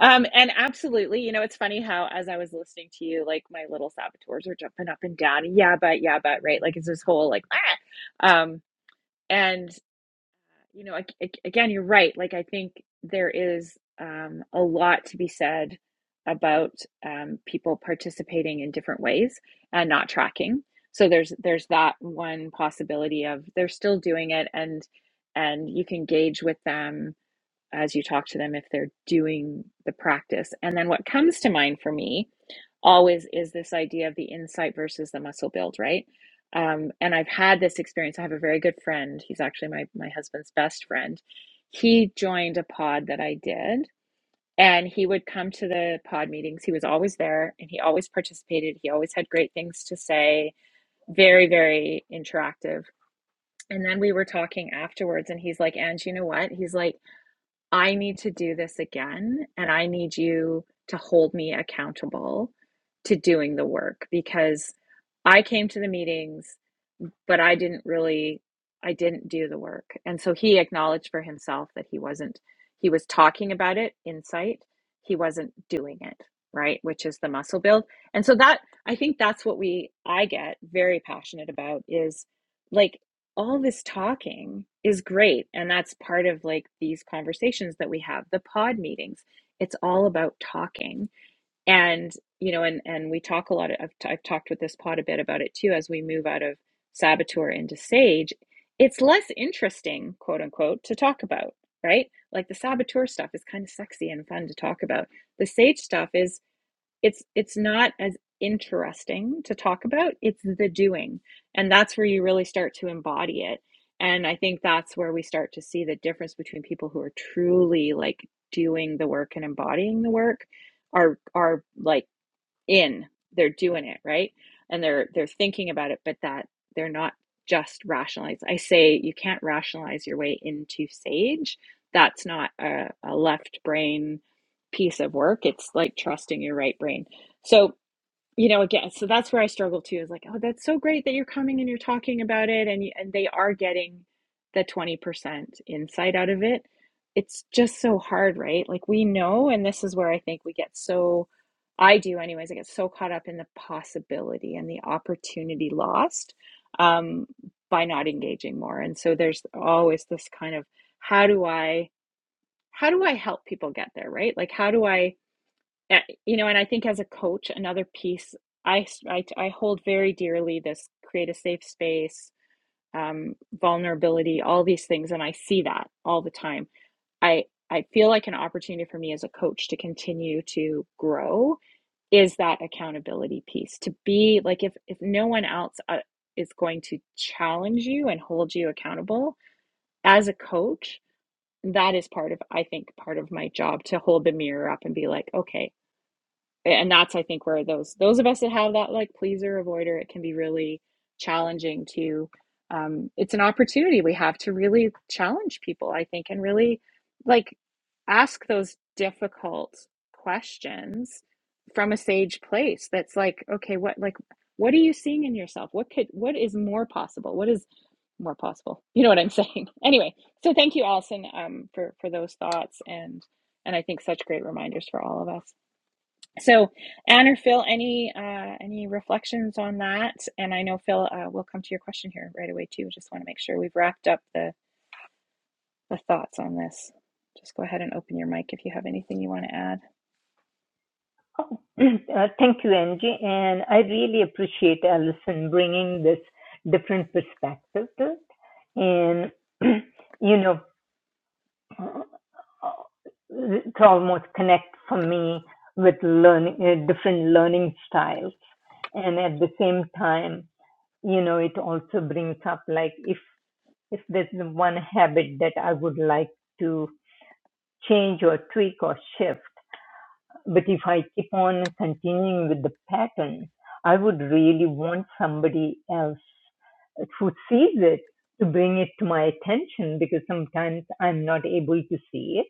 S1: Um, and absolutely, you know, it's funny how as I was listening to you, like my little saboteurs are jumping up and down. Yeah, but yeah, but right. Like it's this whole like ah. Um, and you know, again, you're right. Like, I think there is um, a lot to be said about um, people participating in different ways and not tracking. So there's there's that one possibility of they're still doing it, and and you can gauge with them as you talk to them if they're doing the practice. And then what comes to mind for me always is this idea of the insight versus the muscle build, right? Um, and I've had this experience. I have a very good friend. He's actually my my husband's best friend. He joined a pod that I did, and he would come to the pod meetings. He was always there, and he always participated. He always had great things to say. Very, very interactive. And then we were talking afterwards, and he's like, "And you know what?" He's like. I need to do this again, and I need you to hold me accountable to doing the work because I came to the meetings but I didn't really I didn't do the work. And so he acknowledged for himself that he wasn't he was talking about it insight, he wasn't doing it, right? Which is the muscle build. And so that I think that's what we I get very passionate about is like all this talking is great and that's part of like these conversations that we have, the pod meetings. It's all about talking and you know and and we talk a lot of, I've, t- I've talked with this pod a bit about it too as we move out of saboteur into sage it's less interesting quote unquote to talk about right like the saboteur stuff is kind of sexy and fun to talk about the sage stuff is it's it's not as interesting to talk about it's the doing and that's where you really start to embody it and i think that's where we start to see the difference between people who are truly like doing the work and embodying the work are are like in they're doing it right and they're they're thinking about it but that they're not just rationalize i say you can't rationalize your way into sage that's not a, a left brain piece of work it's like trusting your right brain so you know again so that's where i struggle too is like oh that's so great that you're coming and you're talking about it and and they are getting the 20% insight out of it it's just so hard right like we know and this is where i think we get so i do anyways i get so caught up in the possibility and the opportunity lost um, by not engaging more and so there's always this kind of how do i how do i help people get there right like how do i uh, you know, and I think as a coach, another piece I I I hold very dearly this create a safe space, um, vulnerability, all these things. And I see that all the time. I, I feel like an opportunity for me as a coach to continue to grow is that accountability piece to be like, if, if no one else uh, is going to challenge you and hold you accountable as a coach, that is part of, I think, part of my job to hold the mirror up and be like, okay, and that's i think where those those of us that have that like pleaser avoider it can be really challenging to um, it's an opportunity we have to really challenge people i think and really like ask those difficult questions from a sage place that's like okay what like what are you seeing in yourself what could what is more possible what is more possible you know what i'm saying anyway so thank you allison um, for for those thoughts and and i think such great reminders for all of us so, Anne or Phil, any uh, any reflections on that? And I know Phil, uh, we'll come to your question here right away too. Just want to make sure we've wrapped up the the thoughts on this. Just go ahead and open your mic if you have anything you want to add.
S2: Oh, Uh, thank you, Angie. And I really appreciate Allison bringing this different perspective to it. And, you know, it almost connect for me with learning, uh, different learning styles. And at the same time, you know it also brings up like if if there's one habit that i would like to change or tweak or shift but if i keep on continuing with the pattern i would really want somebody else uh, who sees it to bring it to my attention because sometimes i'm not able to see it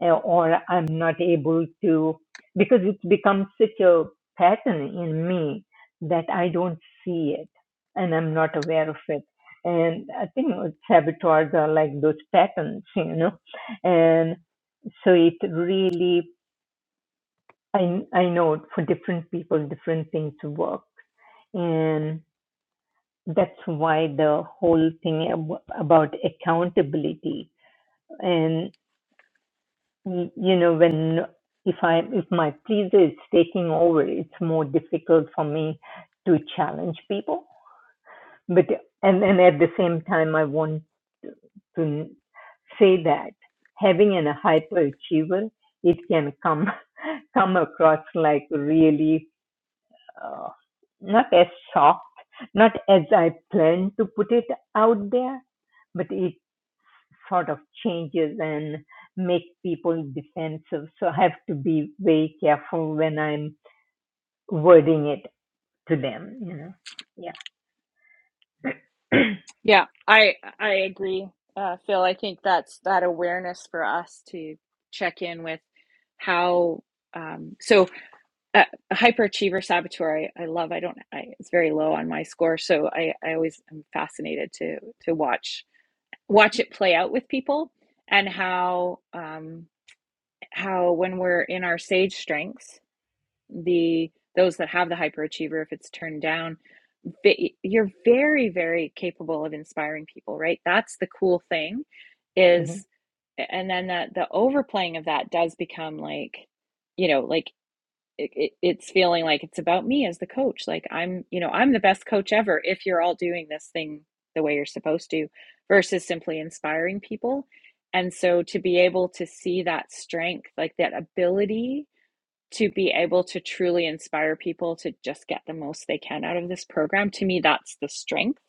S2: uh, or I'm not able to, because it becomes such a pattern in me that I don't see it and I'm not aware of it. And I think saboteurs are like those patterns, you know. And so it really, I, I know for different people, different things work. And that's why the whole thing ab- about accountability. and. y- you know when if i if my pleaser is taking over it's more difficult for me to challenge people but and and at the same time i want to say that having an hyperachiever it can come come across like really uh, not as soft not as i plan to put it out there but it sort of changes and make people defensive. So I have to be very careful when I'm wording it to them, you know. Yeah.
S1: Yeah, I I agree, uh, Phil. I think that's that awareness for us to check in with how. Um, so uh, a hyperachiever saboteur, I, I love. I don't. I, it's very low on my score, so I I always am fascinated to to watch watch it play out with people and how um, how when we're in our sage strengths the those that have the hyperachiever if it's turned down ve- you're very very capable of inspiring people right that's the cool thing
S2: hmm
S1: is and then the the overplaying of that does become like you know like it, it, it's feeling like it's about me as the coach like i'm you know i'm the best coach ever if you're all doing this thing the way you're supposed to versus simply inspiring people and so to be able to see that strength like that ability to be able to truly inspire people to just get the most they can out of this program, to me, that's the strength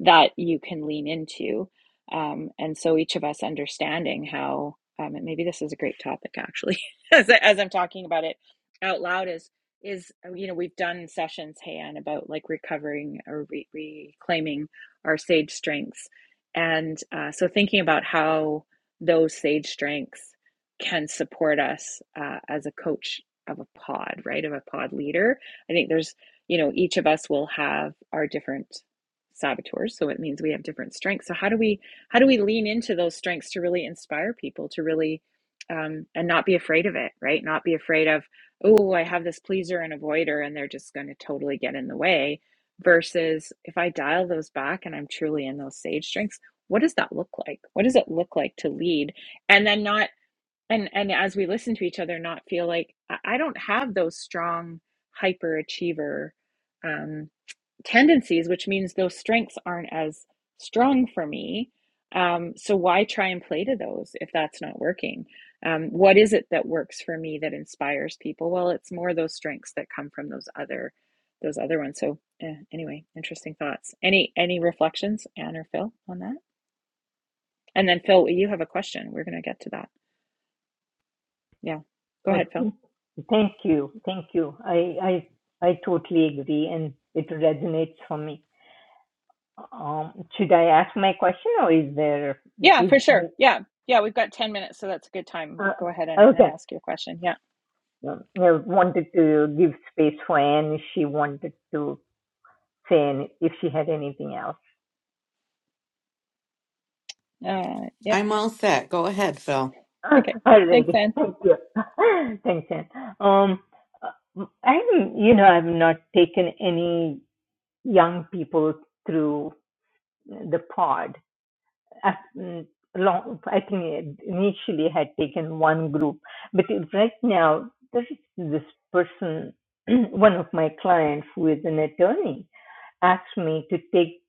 S1: that you can lean into. Um, and so each of us understanding how, um, and maybe this is a great topic actually, as, as I'm talking about it out loud is, is, uh, you know, we've done sessions, hey, Anne, about like recovering or re- reclaiming our sage strengths. And uh, so thinking about how those sage strengths can support us uh, as a coach of a pod, right? Of a pod leader. I think there's, you know, each of us will have our different saboteurs, so it means we have different strengths. So how do we how do we lean into those strengths to really inspire people to really um, and not be afraid of it, right? Not be afraid of, oh, I have this pleaser and avoider, and they're just going to totally get in the way. Versus if I dial those back and I'm truly in those sage strengths, what does that look like? What does it look like to lead? And then not and and as we listen to each other not feel like i I don't have those strong hyperachiever um, tendencies which means those strengths aren't as strong for me um, so why try and play to those if that's not working um, what is it that works for me that inspires people well it's more those strengths that come from those other those other ones so eh, anyway interesting thoughts any any reflections anne or phil on that and then phil you have a question we're going to get to that yeah go
S2: Oh,
S1: ahead phil
S2: thank, thank you. Thank you. I, I, I totally agree and it resonates for me. Um, should I ask my question or is there,
S1: Yeah,
S2: is,
S1: for sure. Yeah. Yeah, we've got 10 minutes, so that's a good time.
S2: uh,
S1: Go ahead and, and
S2: okay.
S1: ask your question. Yeah.
S2: Um, I wanted to give space for Anne if she wanted to say any, if she had anything else.
S1: Uh, yeah.
S3: I'm all set. Go ahead, Phil.
S1: Okay. Thanks,
S2: Alrighty.
S1: Anne.
S2: Thank you. Thanks, Anne. Um, uh, I'm, you know, I've not taken any young people through the pod. I, mm, long, I think it initially had taken one group, but it- right now there is this person, one of my clients who is an attorney, asked me to take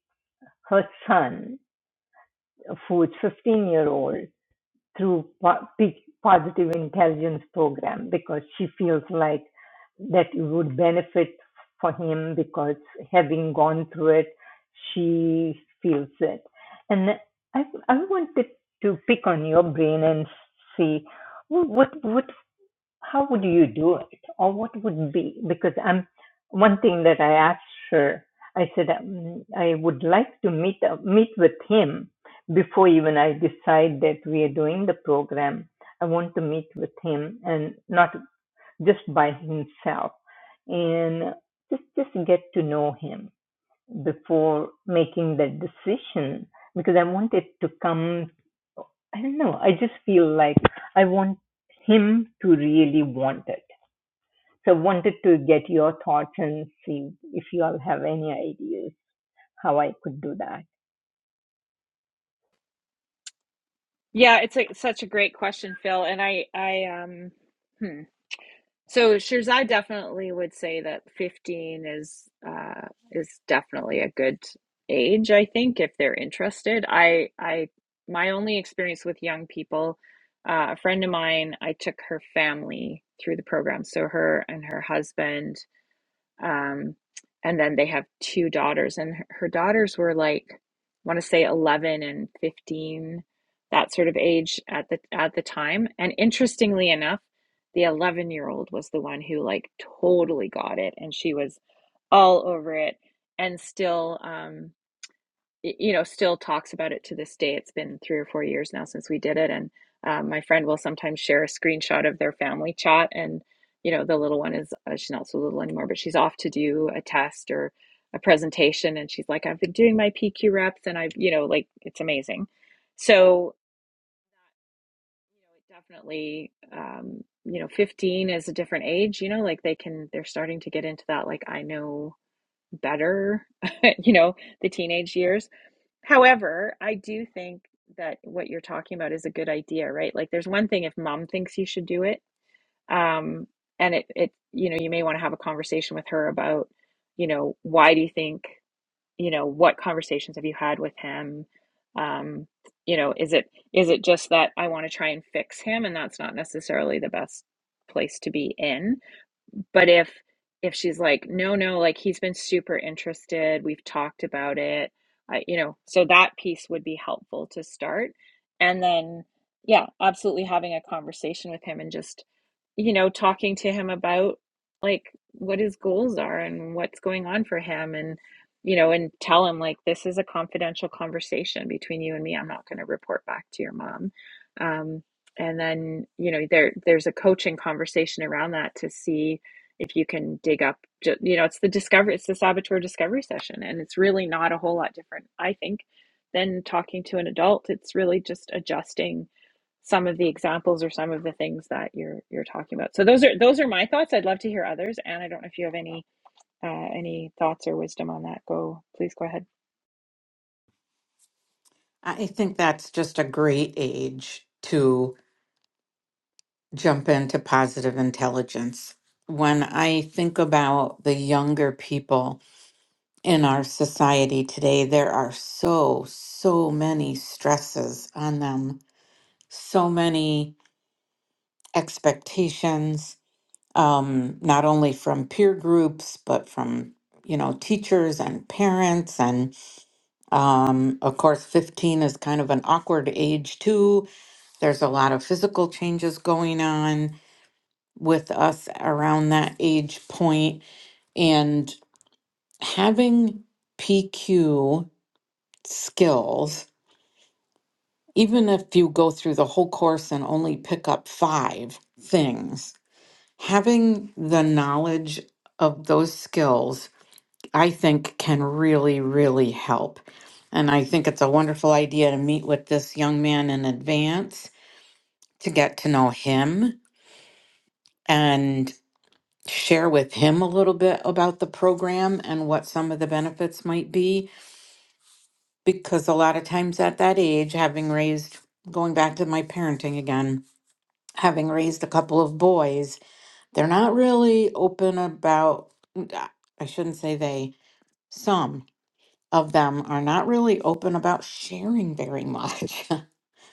S2: her son, who is 15 year old. through po- p- positive intelligence program because she feels like that it would benefit for him because having gone through it, she feels it. And I, I wanted to pick on your brain and see what what how would you do it or what would be because i'm one thing that i asked her i said um, i would like to meet uh, meet with him before even i decide that we are doing the program i want to meet with him and not just by himself and just just get to know him before making that decision because i want it to come i don't know i just feel like i want him to really want it so wanted to get your thoughts and see if you all have any ideas how I could do that.
S1: Yeah, it's a, such a great question, Phil. And I, I, um, hmm. So Shirzai definitely would say that 15 is, uh, is definitely a good age, I think, if they're interested. I, I, my only experience with young people, uh, a friend of mine, I took her family through the program. So her and her husband, Um, and then they have two daughters, and her her daughters were like, I want to say 11 and 15, that sort of age at the at the time. And interestingly enough, the 11 year old was the one who like totally got it, and she was all over it, and still. Um, you know, still talks about it to this day. It's been three or four years now since we did it, and um, my friend will sometimes share a screenshot of their family chat. And you know, the little one is uh, she's not so little anymore, but she's off to do a test or a presentation, and she's like, "I've been doing my PQ reps, and I've you know, like it's amazing." So you know, definitely, um, you know, fifteen is a different age. You know, like they can they're starting to get into that like I know better, you know, the teenage years However, I do think that what you're talking about is a good idea, right? Like there's one thing if mom thinks you should do it, um, and it it you know, you may want to have a conversation with her about, you know, why do you think, you know, what conversations have you had with him? Um, you know, is it is it just that I want to try and fix him and that's not necessarily the best place to be in? but if if she's like no no like he's been super interested we've talked about it I, you know so that piece would be helpful to start and then yeah absolutely having a conversation with him and just you know talking to him about like what his goals are and what's going on for him and you know and tell him like this is a confidential conversation between you and me i'm not going to report back to your mom um, and then you know there there's a coaching conversation around that to see if you can dig up you know it's the discovery it's the saboteur discovery session and it's really not a whole lot different i think than talking to an adult it's really just adjusting some of the examples or some of the things that you're you're talking about so those are those are my thoughts i'd love to hear others and i don't know if you have any uh, any thoughts or wisdom on that go please go ahead
S3: I think that's just a great age to jump into positive intelligence. When I think about the younger people in our society today, there are so, so many stresses on them, so many expectations, um, not only from peer groups but from you know teachers and parents and um, of course 15 is kind of an awkward age too there's a lot of physical changes going on with us around that age point and having pq skills even if you go through the whole course and only pick up five things having the knowledge of those skills I think can really, really help. And I think it's a wonderful idea to meet with this young man in advance to get to know him and share with him a little bit about the program and what some of the benefits might be. Because a lot of times at that age, having raised, going back to my parenting again, having raised a couple of boys, they're not really open about, I shouldn't say they, some. of them are not really open about sharing very much.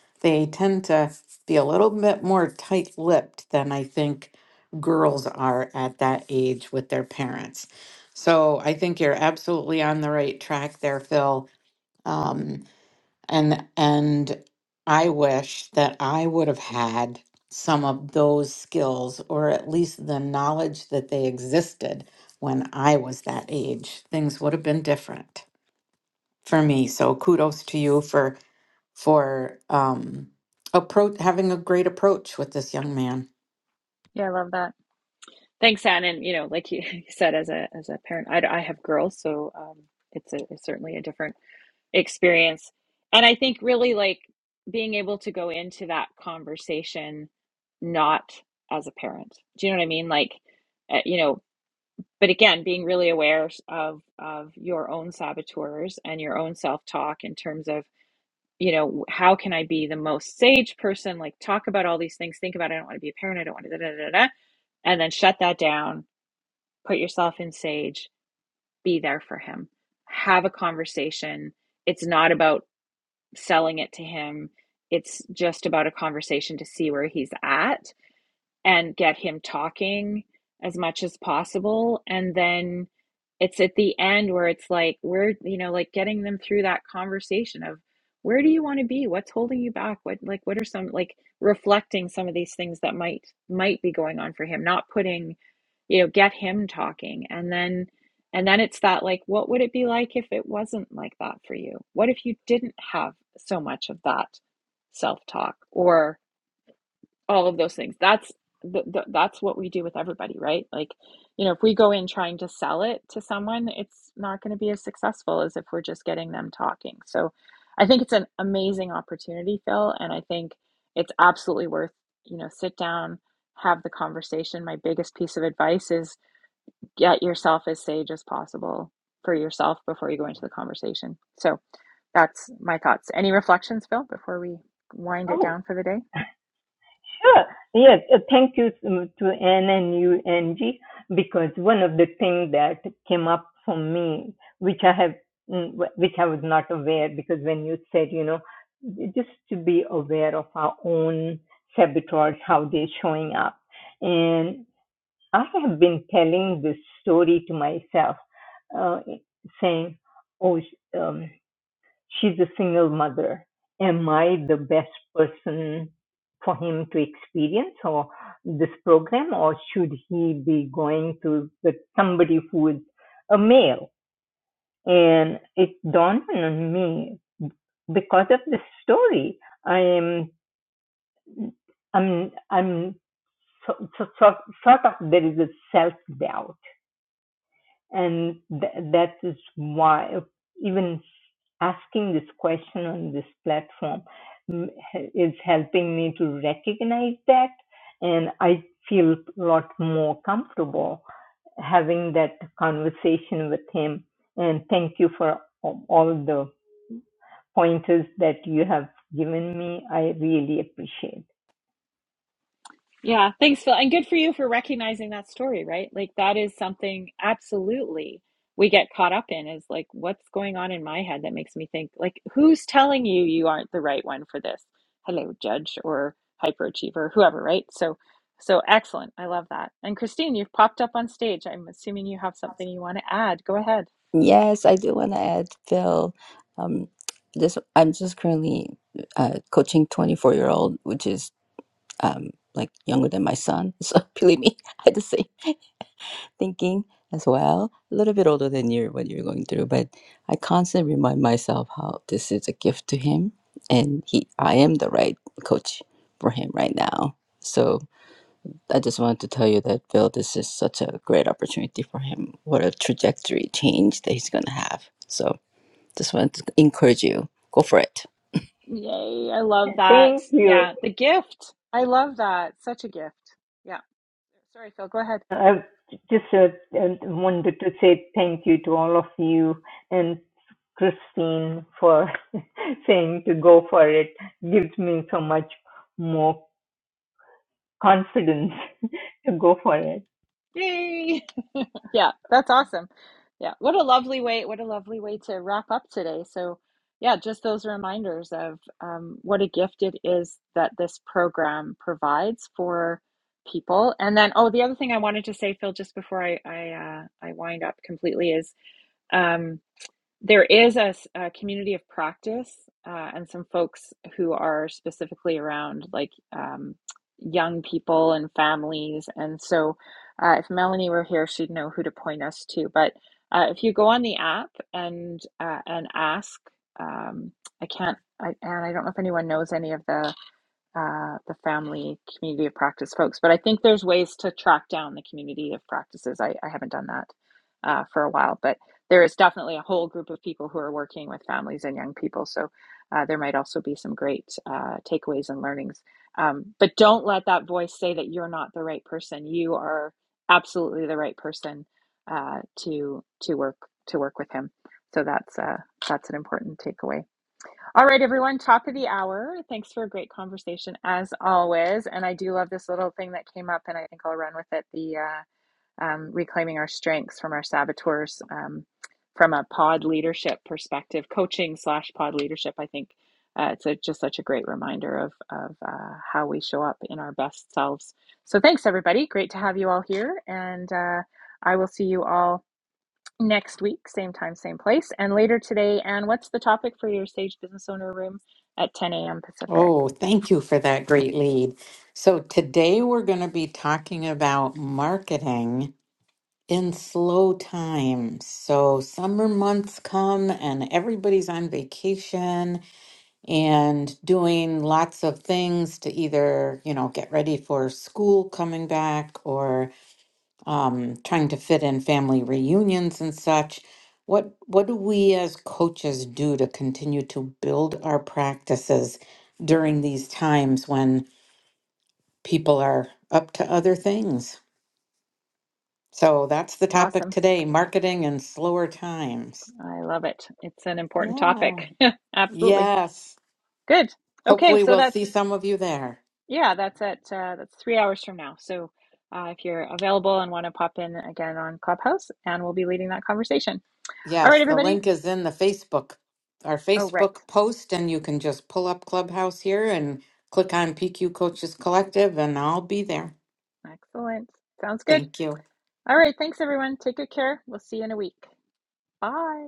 S3: they tend to be a little bit more tight lipped than I think girls are at that age with their parents. So I think you're absolutely on the right track there, Phil. Um, and and I wish that I would have had some of those skills or at least the knowledge that they existed when I was that age. Things would have been different for me. So kudos to you for for um approach having a great approach with this young man.
S1: yeah i love that thanks anne and you know like you, you said as a as a parent i, I have girls so um it's a it's certainly a different experience. And I think really like being able to go into that conversation not as a parent. Do you know what I mean? Like, uh, you know, but again, being really aware of of your own saboteurs and your own self-talk in terms of, you know, how can I be the most sage person? Like talk about all these things, think about I don't want to be a parent, I don't want to da, da, da, da, and then shut that down, put yourself in sage, be there for him. Have a conversation. It's not about selling it to him. It's just about a conversation to see where he's at and get him talking as much as possible. And then it's at the end where it's like, we're, you know, like getting them through that conversation of where do you want to be? What's holding you back? What, like, what are some, like, reflecting some of these things that might, might be going on for him, not putting, you know, get him talking. And then, and then it's that, like, what would it be like if it wasn't like that for you? What if you didn't have so much of that self talk? Or, all of those things that's the, the, that's what we do with everybody right like you know if we go in trying to sell it to someone it's not going to be as successful as if we're just getting them talking so i think it's an amazing opportunity phil and i think it's absolutely worth you know sit down have the conversation my biggest piece of advice is get yourself as sage as possible for yourself before you go into the conversation so that's my thoughts any reflections phil before we wind it
S2: Oh,
S1: down for the day
S2: sure. Yes, uh, thank you um, to Anne and you, Angie, because one of the things that came up for me, which I have, mm, which I was not aware, because when you said, you know, just to be aware of our own saboteurs, how they're showing up. and. I have been telling this story to myself, uh, saying, "Oh, um, she's a single mother. Am I the best person for him to experience or this program, or should he be going to with somebody who is a male?" And it dawned on me because of this story. I am, I'm, I'm so, so, so, sort of there is a self doubt and th- that is why even asking this question on this platform mm, is helping me to recognize that and i feel a lot more comfortable having that conversation with him and thank you for all all the pointers that you have given me i really appreciate
S1: Yeah, thanks, Phil. And good for you for recognizing that story, right? Like that is something absolutely we get caught up in is like what's going on in my head that makes me think like who's telling you you aren't the right one for this? Hello, judge or hyperachiever, whoever, right? So so excellent. I love that. And Christine, you've popped up on stage. I'm assuming you have something you want to add. Go ahead.
S5: Yes, I do want to add, Phil. Um, this I'm just currently uh, coaching 24 year old, which is um, like younger than my son. So believe me, I had the same thinking as well. A little bit older than you, what you're going through, but I constantly remind myself how this is a gift to him, and he, I am the right coach for him right now. So I just wanted to tell you that Phil, this is such a great opportunity for him. What a trajectory change that he's gonna have. So just want to encourage you. Go for it.
S1: Yay, I love
S2: it.
S1: that.
S2: thank you
S1: Yeah, the gift. I love that. Such a gift. Yeah. Sorry, Phil. Go ahead.
S2: i just uh, uh, wanted to say thank you to all of you and Christine for saying to go for it gives me so much more confidence to go for it.
S1: Yay. Yeah, that's awesome. Yeah, what a lovely way, what a lovely way to wrap up today. So, yeah, just those reminders of um, what a gift it is that this program provides for people. And then, oh, the other thing I wanted to say, Phil, just before I I, uh, I wind up completely is. um, there is a a community of practice uh, and some folks who are specifically around like um, young people and families. And so, uh, if Melanie were here, she'd know who to point us to. But uh, if you go on the app and uh, and ask, um, I can't, I, and I don't know if anyone knows any of the uh, the family community of practice folks. But I think there's ways to track down the community of practices. I, I haven't done that uh, for a while, but there is definitely a whole group of people who are working with families and young people. So uh, there might also be some great uh, takeaways and learnings. Um, but don't let that voice say that you're not the right person. You are absolutely the right person uh, to to work to work with him. So that's uh, that's an important takeaway. All right, everyone, top of the hour. Thanks for a great conversation as always. And I do love this little thing that came up, and I think I'll run with it the uh, um, reclaiming our strengths from our saboteurs um, from a pod leadership perspective, coaching slash pod leadership. I think uh, it's a, just such a great reminder of, of uh, how we show up in our best selves. So thanks, everybody. Great to have you all here. And uh, I will see you all next week, same time, same place, and later today. And what's the topic for your Sage Business Owner Room at 10 a.m. Pacific?
S3: Oh, thank you for that great lead. So today we're going to be talking about marketing in slow times. So summer months come and everybody's on vacation and doing lots of things to either, you know, get ready for school coming back or. um, trying to fit in family reunions and such. What what do we as coaches do to continue to build our practices during these times when people are up to other things? So that's the topic
S1: Awesome.
S3: today, marketing and slower times.
S1: I love it. It's an important
S3: Yeah.
S1: topic. Absolutely.
S3: Yes.
S1: Good. Okay,
S3: Hopefully
S1: so
S3: we'll see
S1: that's
S3: some of you there.
S1: yeah, that's at uh, that's three hours from now. So uh, if you're available and want to pop in again on Clubhouse, and we'll be leading that conversation. All
S3: Yes,
S1: right,
S3: the
S1: everybody.
S3: link is in the Facebook, our
S1: Oh, right.
S3: Facebook post, and you can just pull up Clubhouse here and click on PQ Coaches Collective, and I'll be there.
S1: Excellent. Sounds good.
S3: Thank you.
S1: All right. Thanks, everyone. Take good care. We'll see you in a week. Bye.